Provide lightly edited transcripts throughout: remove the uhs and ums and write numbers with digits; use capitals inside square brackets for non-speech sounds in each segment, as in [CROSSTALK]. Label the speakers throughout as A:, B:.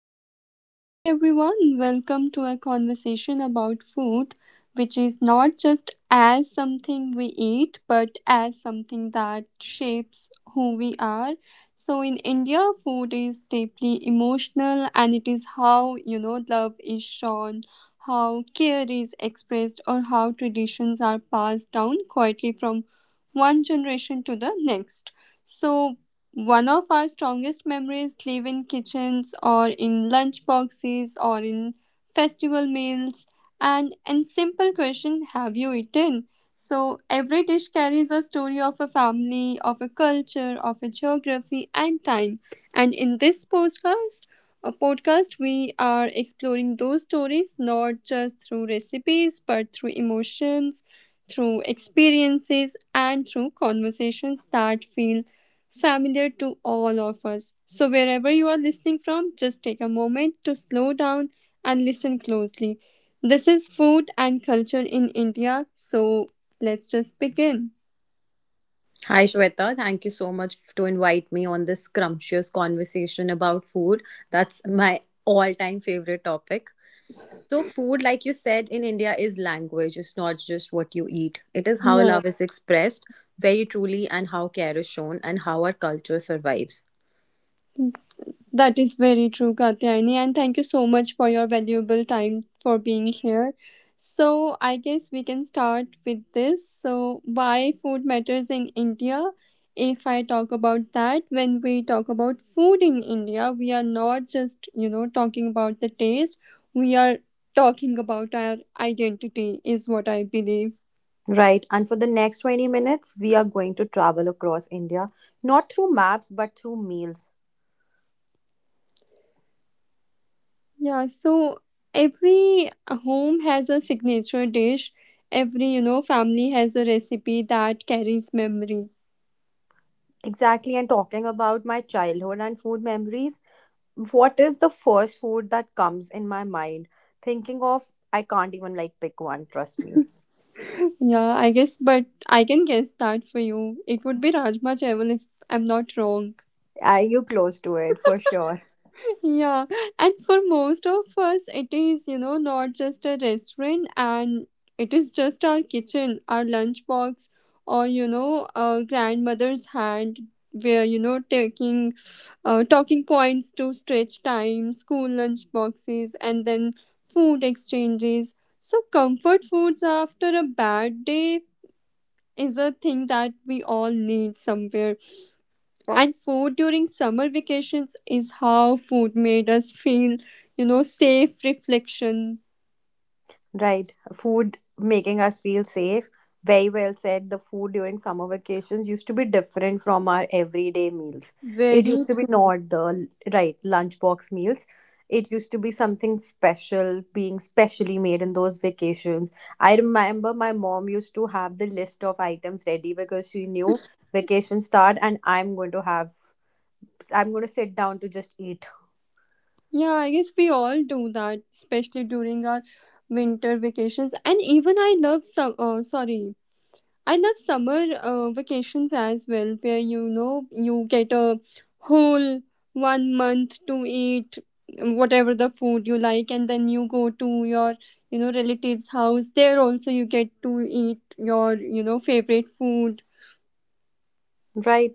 A: Okay, hi everyone. Welcome to a conversation about food, which is not just as something we eat, but as something that shapes who we are. So, in India, food is deeply emotional and it is how, you know, love is shown, how care is expressed, or how traditions are passed down quietly from one generation to the next. So, one of our strongest memories live in kitchens or in lunch boxes or in festival meals and simple question, have you eaten? So every dish carries a story of a family, of a culture, of a geography and time. And in this podcast a podcast we are exploring those stories not just through recipes but through emotions, through experiences and through conversations that feel familiar to all of us. So, wherever you are listening from, just take a moment to slow down and listen closely. This is food and culture in India, so let's just begin.
B: Hi Shweta, thank you so much to invite me on this scrumptious conversation about food. That's my all-time favorite topic. So food, like you said, in India is language. It's not just what you eat. It is how
A: Yeah.
B: love is expressed very truly and how care is shown and how our culture survives.
A: That is very true, Katyayani, and thank you so much for your valuable time for being here. So, I guess we can start with this. So, why food matters in India? If I talk about that, when we talk about food in India, we are not just, you know, talking about the taste, we are talking about our identity, is what I believe.
B: Right, and for the next 20 minutes, we are going to travel across India, not through maps but through meals.
A: Yeah, so every home has a signature dish. Every, you know, family has a recipe that carries memory.
B: Exactly, and talking about my childhood and food memories, what is the first food that comes in my mind? Thinking of, I can't even like pick one, trust me.
A: Yeah, I guess, but I can guess that for you. It would be Rajma Chawal if I'm not wrong.
B: Are you close to it for sure?
A: Yeah, and for most of us, it is, you know, not just a restaurant and it is just our kitchen, our lunchbox, or, you know, our grandmother's hand where, you know, taking talking points to stretch time, school lunch boxes, and then food exchanges. So, comfort foods after a bad day is a thing that we all need somewhere and food during summer vacations is how food made us feel, you know, safe reflection.
B: Right. Food making us feel safe. Very well said. The food during summer vacations used to be different from our everyday meals. It used
A: Very.
B: to be not the right lunchbox meals. It used to be something special, being specially made in those vacations. I remember my mom used to have the list of items ready because she knew vacation start and I'm going to sit down to just eat.
A: Yeah, I guess we all do that, especially during our winter vacations. And even I love summer vacations as well, where you know you get a whole one month to eat whatever the food you like, and then you go to your relatives' house. There also you get to eat your favorite food.
B: Right.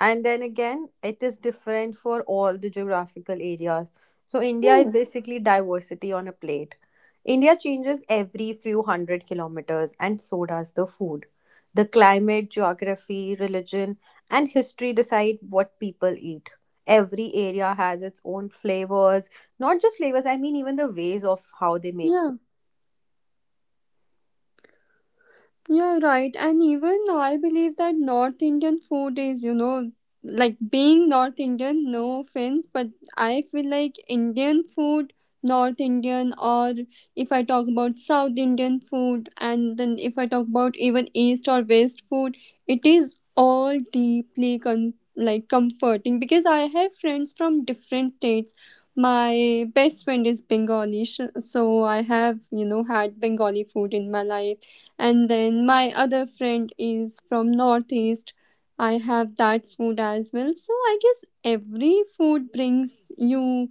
B: And then again, it is different for all the geographical areas. So, India
A: Hmm.
B: is basically diversity on a plate. India changes every few hundred kilometers, and so does the food. The climate, geography, religion, and history decide what people eat. Every area has its own flavors, not just flavors, I mean, even the ways of how they make food.
A: Yeah, right. And even I believe that North Indian food is, you know, like being North Indian, no offense, but I feel like Indian food, North Indian, or if I talk about South Indian food, and then if I talk about even East or West food, it is all deeply like comforting because I have friends from different states. My best friend is Bengali, so I have, you know, had Bengali food in my life and then my other friend is from Northeast. I have that food as well. So I guess every food brings you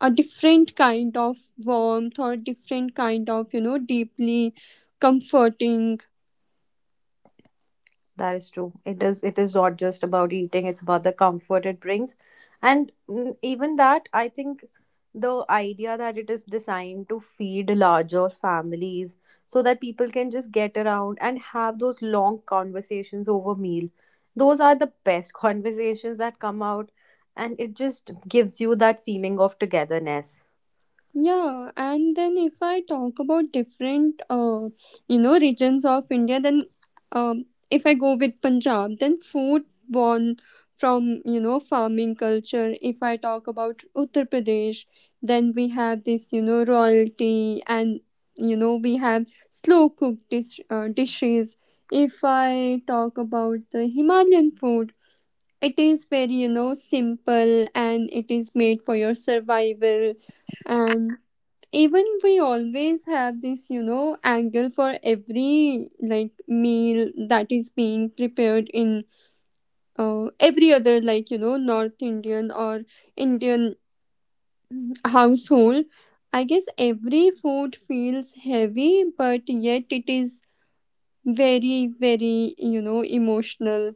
A: a different kind of warmth or different kind of, you know, deeply comforting.
B: That is true. It is not just about eating, it's about the comfort it brings. And even that, I think the idea that it is designed to feed larger families so that people can just get around and have those long conversations over meal. Those are the best [LAUGHS] conversations that come out and it just gives you that feeling of togetherness.
A: Yeah, and then if I talk about different, you know, regions of India, then if I go with Punjab, then food born from, you know, farming culture. If I talk about Uttar Pradesh, then we have this, you know, royalty and, you know, we have slow cooked dishes. If I talk about the Himalayan food, it is very, you know, simple and it is made for your survival and even we always have this, you know, angle for every like meal that is being prepared in every other like, you know, North Indian or Indian household. I guess every food feels heavy but yet it is very, very, you know, emotional.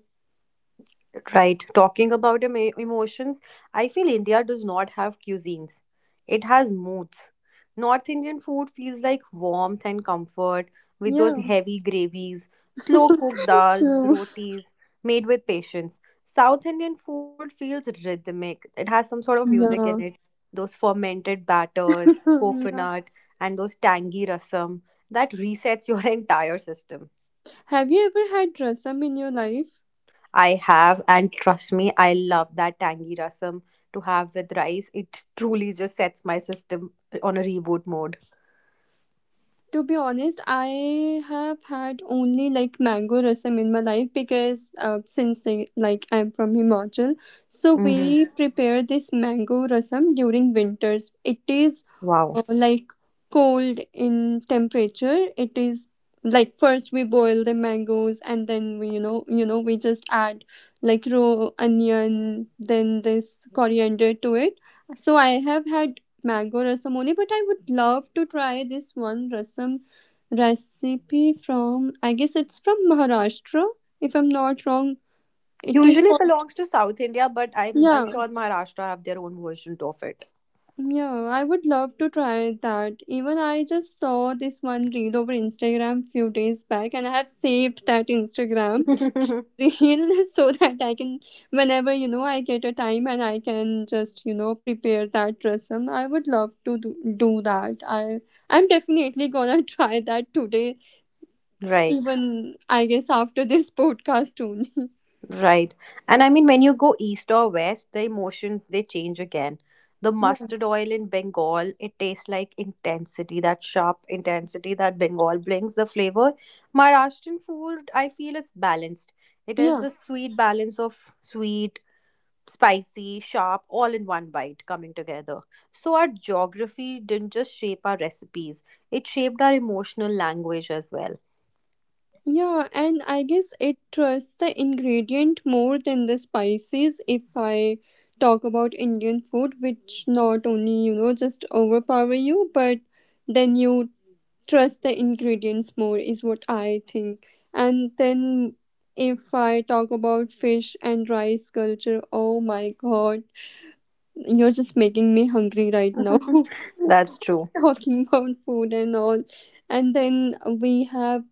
B: Right. Talking about emotions, I feel India does not have cuisines. It has moods. North Indian food feels like warmth and comfort with those
A: Yeah.
B: heavy gravies, slow cooked dals,
A: True.
B: rotis made with patience. South Indian food feels rhythmic. It has some sort of music in
A: Yeah.
B: it. Those fermented batters,
A: [LAUGHS] Yeah,
B: coconut, and those tangy rasam that resets your [LAUGHS] entire system.
A: have you ever had rasam in your life?
B: I have, and trust me, I love that tangy rasam to have with rice. It truly just sets my system on a reboot mode.
A: To be honest, I have had only like mango rasam in my life because since like I'm from Himachal, so
B: Hmm.
A: we prepare this mango rasam during winters. It is
B: Wow.
A: like cold in temperature. It is like first we boil the mangoes and then we we just add like raw onion, then this coriander to it. So I have had mango rasamoni, but I would love to try this one rasam recipe from, I guess it's from Maharashtra, if I'm not wrong. It is
B: Usually
A: called-
B: belongs to South India, but I'm
A: Yeah,
B: sure Maharashtra have their own version of
A: yeah, I would love to try that. Even I just saw this one reel over Instagram few days back and I have saved that Instagram
B: it.
A: [LAUGHS] reel so that I can, whenever, you know, I get a time and I can just, you know, prepare that rasam. I would love to do that. I'm definitely gonna [LAUGHS] try that today,
B: [LAUGHS] Right.
A: even I guess after this [LAUGHS] podcast only.
B: Right. And I mean, when you go east or west, the emotions they change again. The
A: Yeah.
B: mustard oil in Bengal, it tastes like intensity, that sharp intensity that Bengal brings, the flavor. Maharashtrian food, I feel, is balanced. It has
A: Yeah.
B: the sweet balance of sweet, spicy, sharp, all in one bite coming together. So our geography didn't just shape our recipes, it shaped our emotional language as well.
A: Yeah, and I guess it trusts the ingredient more than the spices if I talk about Indian food, which not only, you know, just overpower you, but then you trust the ingredients more, is what I think. And then if I talk about fish and rice culture, oh my God, you're just making me hungry right now. [LAUGHS]
B: [LAUGHS] That's true.
A: [LAUGHS] Talking about food and all, and then we have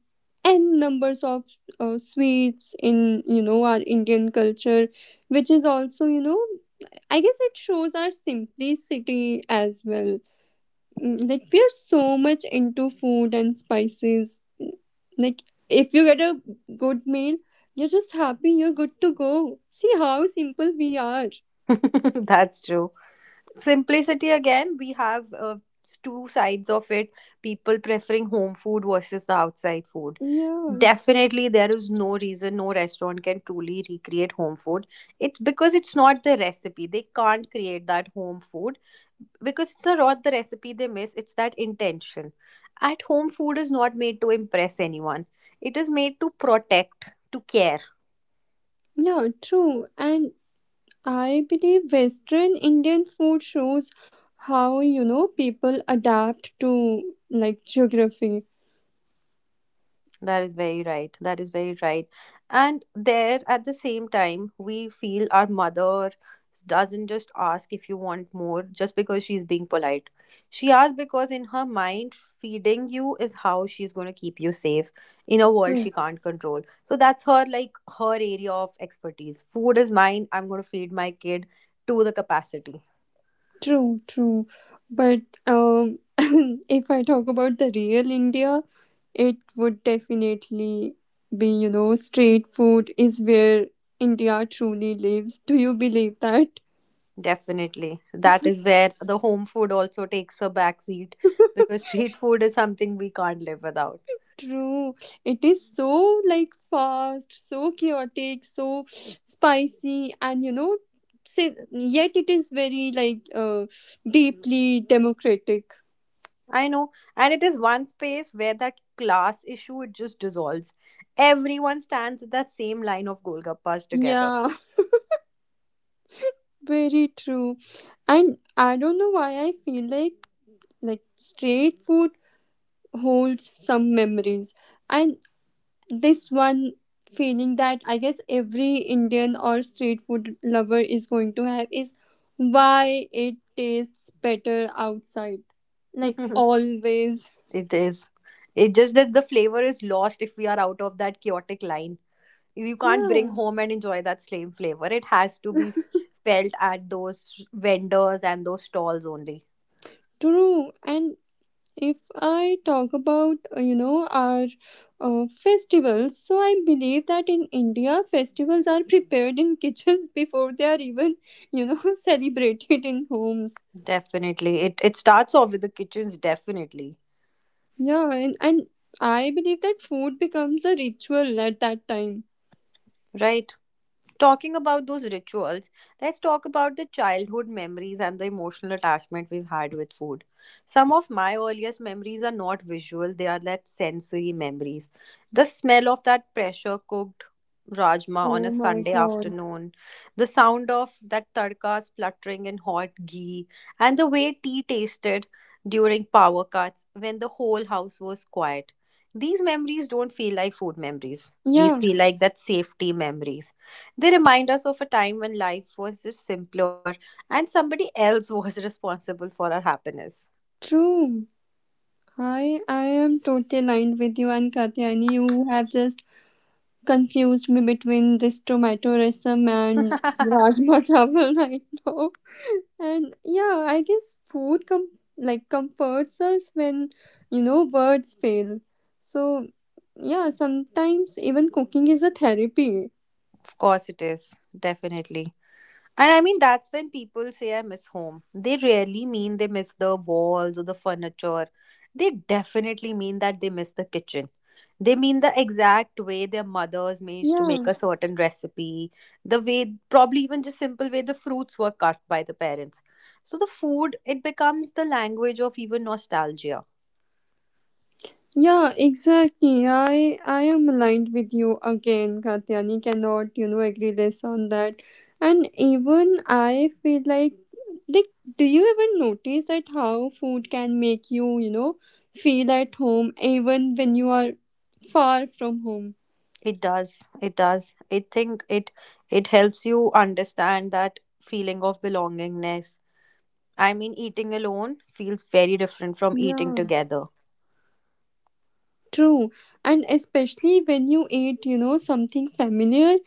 A: n numbers of sweets in, you know, our Indian culture, which is also, you know, I guess it shows our simplicity as well. Like we are so much into food and spices. Like if you get a good meal, you're just happy, you're good to go. See how simple we are.
B: [LAUGHS] That's true. Simplicity again, we have two sides of it, people preferring home food versus the outside food.
A: Yeah.
B: Definitely there is no reason, no restaurant can truly recreate home food. It's because it's not the recipe, they can't create that home food because it's not the recipe they miss, it's that intention. At home, food is not made to impress anyone, it is made to protect, to care.
A: Yeah, true. And I believe Western Indian food shows how, you know, people adapt to like geography.
B: That is very right. That is very right. And there, at the same time, we feel our mother doesn't just ask if you want more just because she's being polite. She asks because, in her mind, feeding you is how she's going to keep you safe in a world
A: True,
B: she can't control. So that's her, like, her area of expertise. Food is mine. I'm going to feed my kid to the capacity.
A: true. True. But um, [LAUGHS] if I talk about the real India, it would definitely be, you know, street food is where India truly lives. Do you believe that?
B: Definitely. That is where the home food also takes a backseat because [LAUGHS] street food is something we can't live without.
A: True. It is so like fast, so chaotic, so spicy, and, you know, say, yet it is very like, deeply democratic.
B: I know. And it is one space where that class issue it just dissolves. Everyone stands at that same line of Golgappas together.
A: Yeah, [LAUGHS] very true. And I don't know why I feel like straight food holds some memories. And this one feeling that I guess every Indian or street food lover is going to have is why it tastes better outside.
B: [LAUGHS] It
A: Like always.
B: is. It just that the flavor is lost if we are out of that chaotic line. You can't bring
A: Yeah,
B: home and enjoy that same flavor. It has to be felt at those vendors and those stalls only.
A: true. And if I talk about, you know, our festivals, so I believe that in India, festivals are prepared in kitchens [LAUGHS] before they are even, you know, [LAUGHS] celebrated in homes.
B: Definitely. It starts off with the kitchens, definitely.
A: Yeah, and I believe that food becomes a ritual at that time.
B: Right? Talking about those rituals, let's talk about the childhood memories and the emotional attachment we've had with food. Some of my earliest memories are not visual, they are like sensory memories. The smell of that pressure cooked rajma on
A: Oh
B: a
A: my
B: Sunday
A: God.
B: afternoon, the sound of that tadka spluttering in hot ghee, and the way tea tasted during power cuts when the whole house was quiet. These memories don't feel like food memories.
A: Yeah,
B: These feel like that safety memories, they remind us of a time when life was just simpler and somebody else was [LAUGHS] responsible for our happiness.
A: true. I am totally aligned with you and Katyani. You have just confused me between this tomato rasam
B: [LAUGHS] Of
A: and rajma [LAUGHS] chawal right now. And yeah, I guess food com like comforts us when, you know, words fail. So yeah, sometimes even cooking is a therapy.
B: course, it is, definitely. And I mean, that's when people say I miss home. They rarely mean they miss the walls or the furniture. They definitely mean that they miss the kitchen. They mean the exact way their mothers managed to make
A: Yeah.
B: a certain recipe, the way, probably even just simple way the fruits were cut by the parents. So the food, it becomes the language of even nostalgia.
A: Yeah, exactly. I am aligned with you again, Katyani. Cannot, you know, agree less on that. And even I feel like do you even notice that how food can make you, you know feel at home even when you are far from home.
B: It does. It does. I think it it helps you understand that feeling of belongingness. I mean, eating alone feels very different from eating
A: Yeah.
B: together.
A: True. And especially when you eat, you know, something familiar,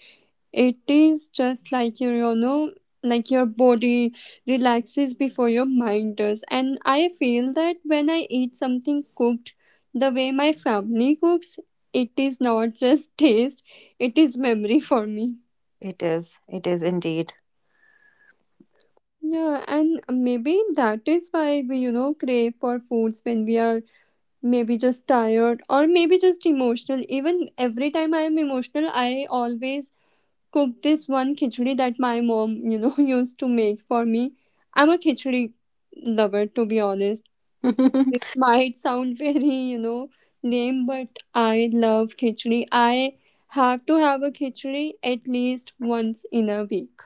A: it is just like your, you know, like your body relaxes before your mind does. And I feel that when I eat something cooked the way my family cooks, it is not [LAUGHS] just taste, it is memory for me.
B: It is. It is indeed.
A: Yeah, and maybe that is why we, you know, crave for foods when we are maybe just tired or maybe just emotional. Even every time I am emotional, I always cook this one khichdi that my mom, you know, [LAUGHS] used to make for me. I'm a khichdi lover, to be honest.
B: [LAUGHS] That
A: It might sound [LAUGHS] very, you know, lame, but I love khichdi. I have to have a khichdi at least once in a week.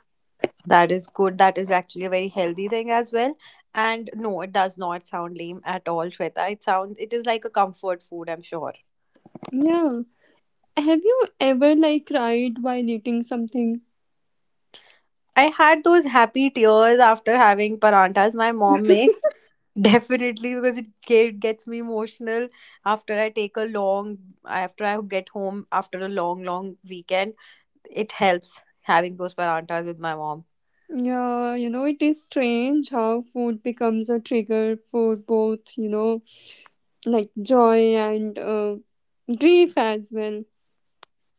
B: is good. That is actually a very healthy thing as well. And no, it does not sound lame at all, Shweta. It sounds. It is like a comfort food. I'm sure.
A: Yeah. Have you ever like cried while eating something?
B: I had those happy tears after having parantas my mom makes. [LAUGHS] Definitely, because it gets me emotional after I take a long, after I get home after a long, long weekend. It helps having those parantas with my mom.
A: Yeah, you know, it is strange how food becomes a trigger for both, you know, like joy and grief as well.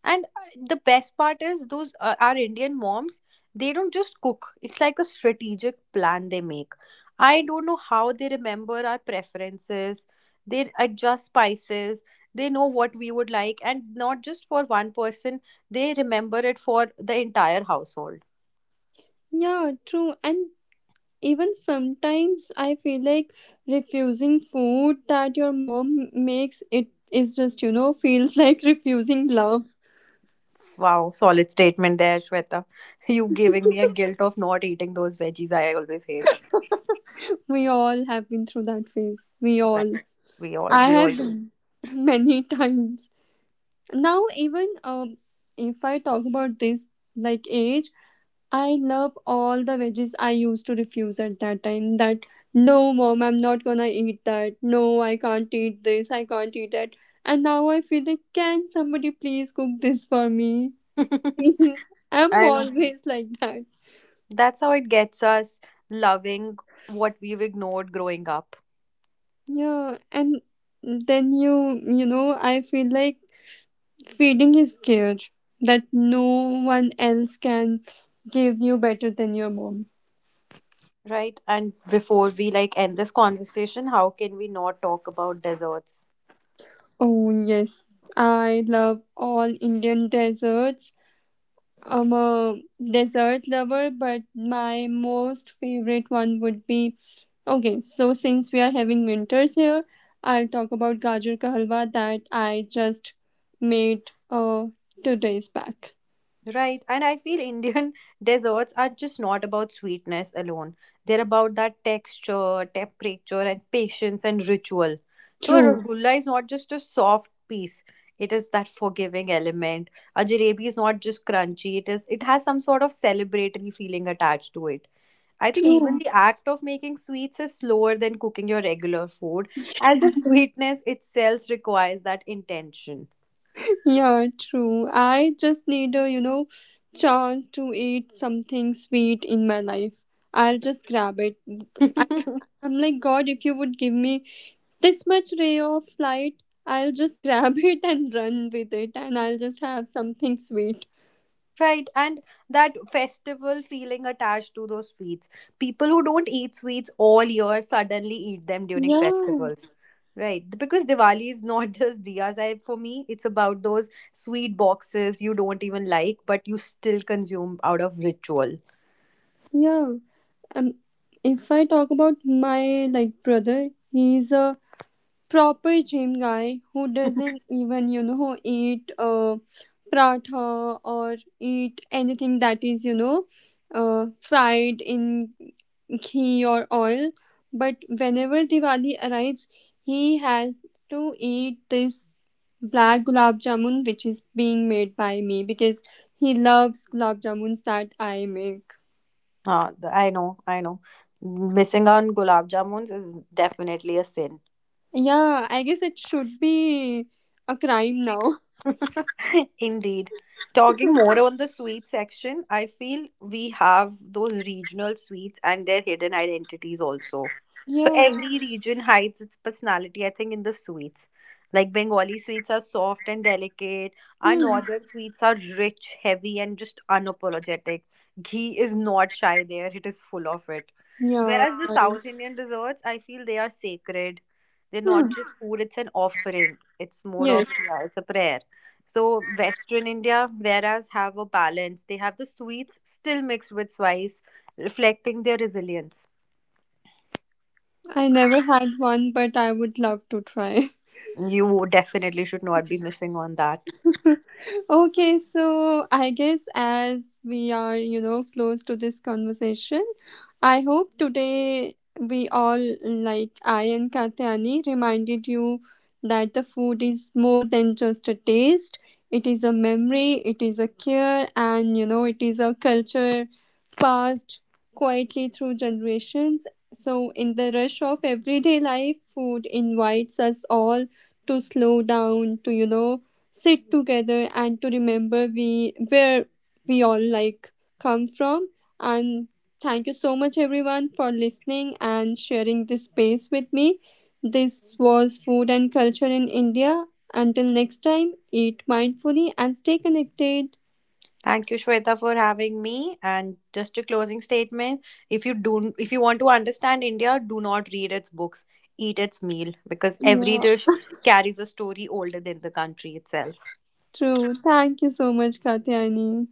B: And the best part is those our Indian moms, they don't just cook. It's like a strategic plan they make. I don't know how they remember our preferences. They adjust spices. They know what we would like and not just for one person, they remember it for the entire household.
A: Yeah, true. And even sometimes I feel like refusing food that your mom makes, it is just, you know, [LAUGHS] feels like refusing love.
B: Wow, solid statement there, Shweta. [LAUGHS] You giving me a guilt of not eating those veggies I always hate.
A: We all have been through that phase. We
B: Right.
A: all.
B: We all
A: I
B: we all
A: have
B: do.
A: been [LAUGHS] many times. Now, even if I talk about this like age, I love all the veggies I used to refuse at that time that, no mom, I'm not gonna eat that, no I can't eat this, I can't eat that, and now I feel like, can somebody please cook this for me
B: [LAUGHS]
A: please? [LAUGHS] I'm
B: I know.
A: always like that.
B: That's how it gets us loving what we've ignored growing up,
A: Yeah, and then you know I feel like feeding is care that no one else can give you better than your mom.
B: right? And before we like end this conversation, how can we not talk about desserts?
A: Oh yes, I love all Indian desserts. I'm a dessert lover, but my most favorite one would be okay. So since we are having winters here, I'll talk about gajar ka halwa that I just made 2 days back.
B: Right. And I feel Indian [LAUGHS] desserts are just not about sweetness alone. They're about that texture, temperature, and patience and ritual. So a
A: True,
B: rasgulla is not just a soft piece. It is that forgiving element. A jalebi is not just crunchy. It has some sort of celebratory feeling attached to it. I think even
A: true.
B: the act of making sweets is slower than cooking your regular food, as if sweetness itself requires that intention.
A: Yeah, true. I just need a, you know, chance to eat something sweet in my life. I'll just grab it. I mean,
B: [LAUGHS]
A: I'm like, God, if you would give me this much ray of light, I'll just [LAUGHS] grab it and run with it, and I'll just have something sweet.
B: Right, and that festival feeling attached to those sweets. People who don't eat sweets all year suddenly eat them during
A: Yeah,
B: festivals. Right, because Diwali is not [LAUGHS] just diyas. I, for me, it's about those sweet boxes you don't even like, but you still consume out of ritual.
A: yeah. Um, if I talk about my like brother, he's a proper gym guy who
B: [LAUGHS]
A: doesn't even, you know, eat pratha or eat anything that is, you know, fried in your oil, but whenever Diwali arrives, he has to eat this black gulab jamun which is being made by me because he loves gulab jamuns that I make.
B: I know, I know. Missing on gulab jamuns is definitely a sin.
A: Yeah, I guess it should be a crime now. [LAUGHS]
B: [LAUGHS] Indeed. Talking more on the sweet section, I feel we have those regional sweets and their hidden identities also. So
A: Yeah.
B: every region hides its personality, I think, in the sweets. Like Bengali sweets are soft and delicate. Our
A: Hmm.
B: northern sweets are rich, heavy, and just unapologetic. Ghee is not shy there, it is full of it.
A: Yeah.
B: Whereas the
A: Hmm.
B: South Indian desserts, I feel they are sacred. They're not just food, it's an offering. It's more of,
A: Yes,
B: yeah, it's a prayer. So Western India whereas have a balance. They have the sweets still mixed with spice, reflecting their resilience.
A: I never had one, but I would love to try.
B: You definitely should not be missing on that.
A: [LAUGHS] Okay, so I guess as we are, you know, close to this conversation, I hope today we all, like I and Katyani, reminded you that the food is more than just a taste. It is a memory, it is a care, and, you know, it is a culture passed quietly through generations. So, in the rush of everyday life, food invites us all to slow down, to, you know, sit together and to remember we where we all like come from. And thank you so much everyone for listening and sharing this space with me. This was food and culture in India. Until next time, eat mindfully and stay connected.
B: Thank you, Shweta, for having me. And just a closing statement: if you do, if you want to understand India, do not read its books. Eat its meal because every
A: Yeah,
B: dish carries a story older than the country itself.
A: true. Thank you so much, Katyani.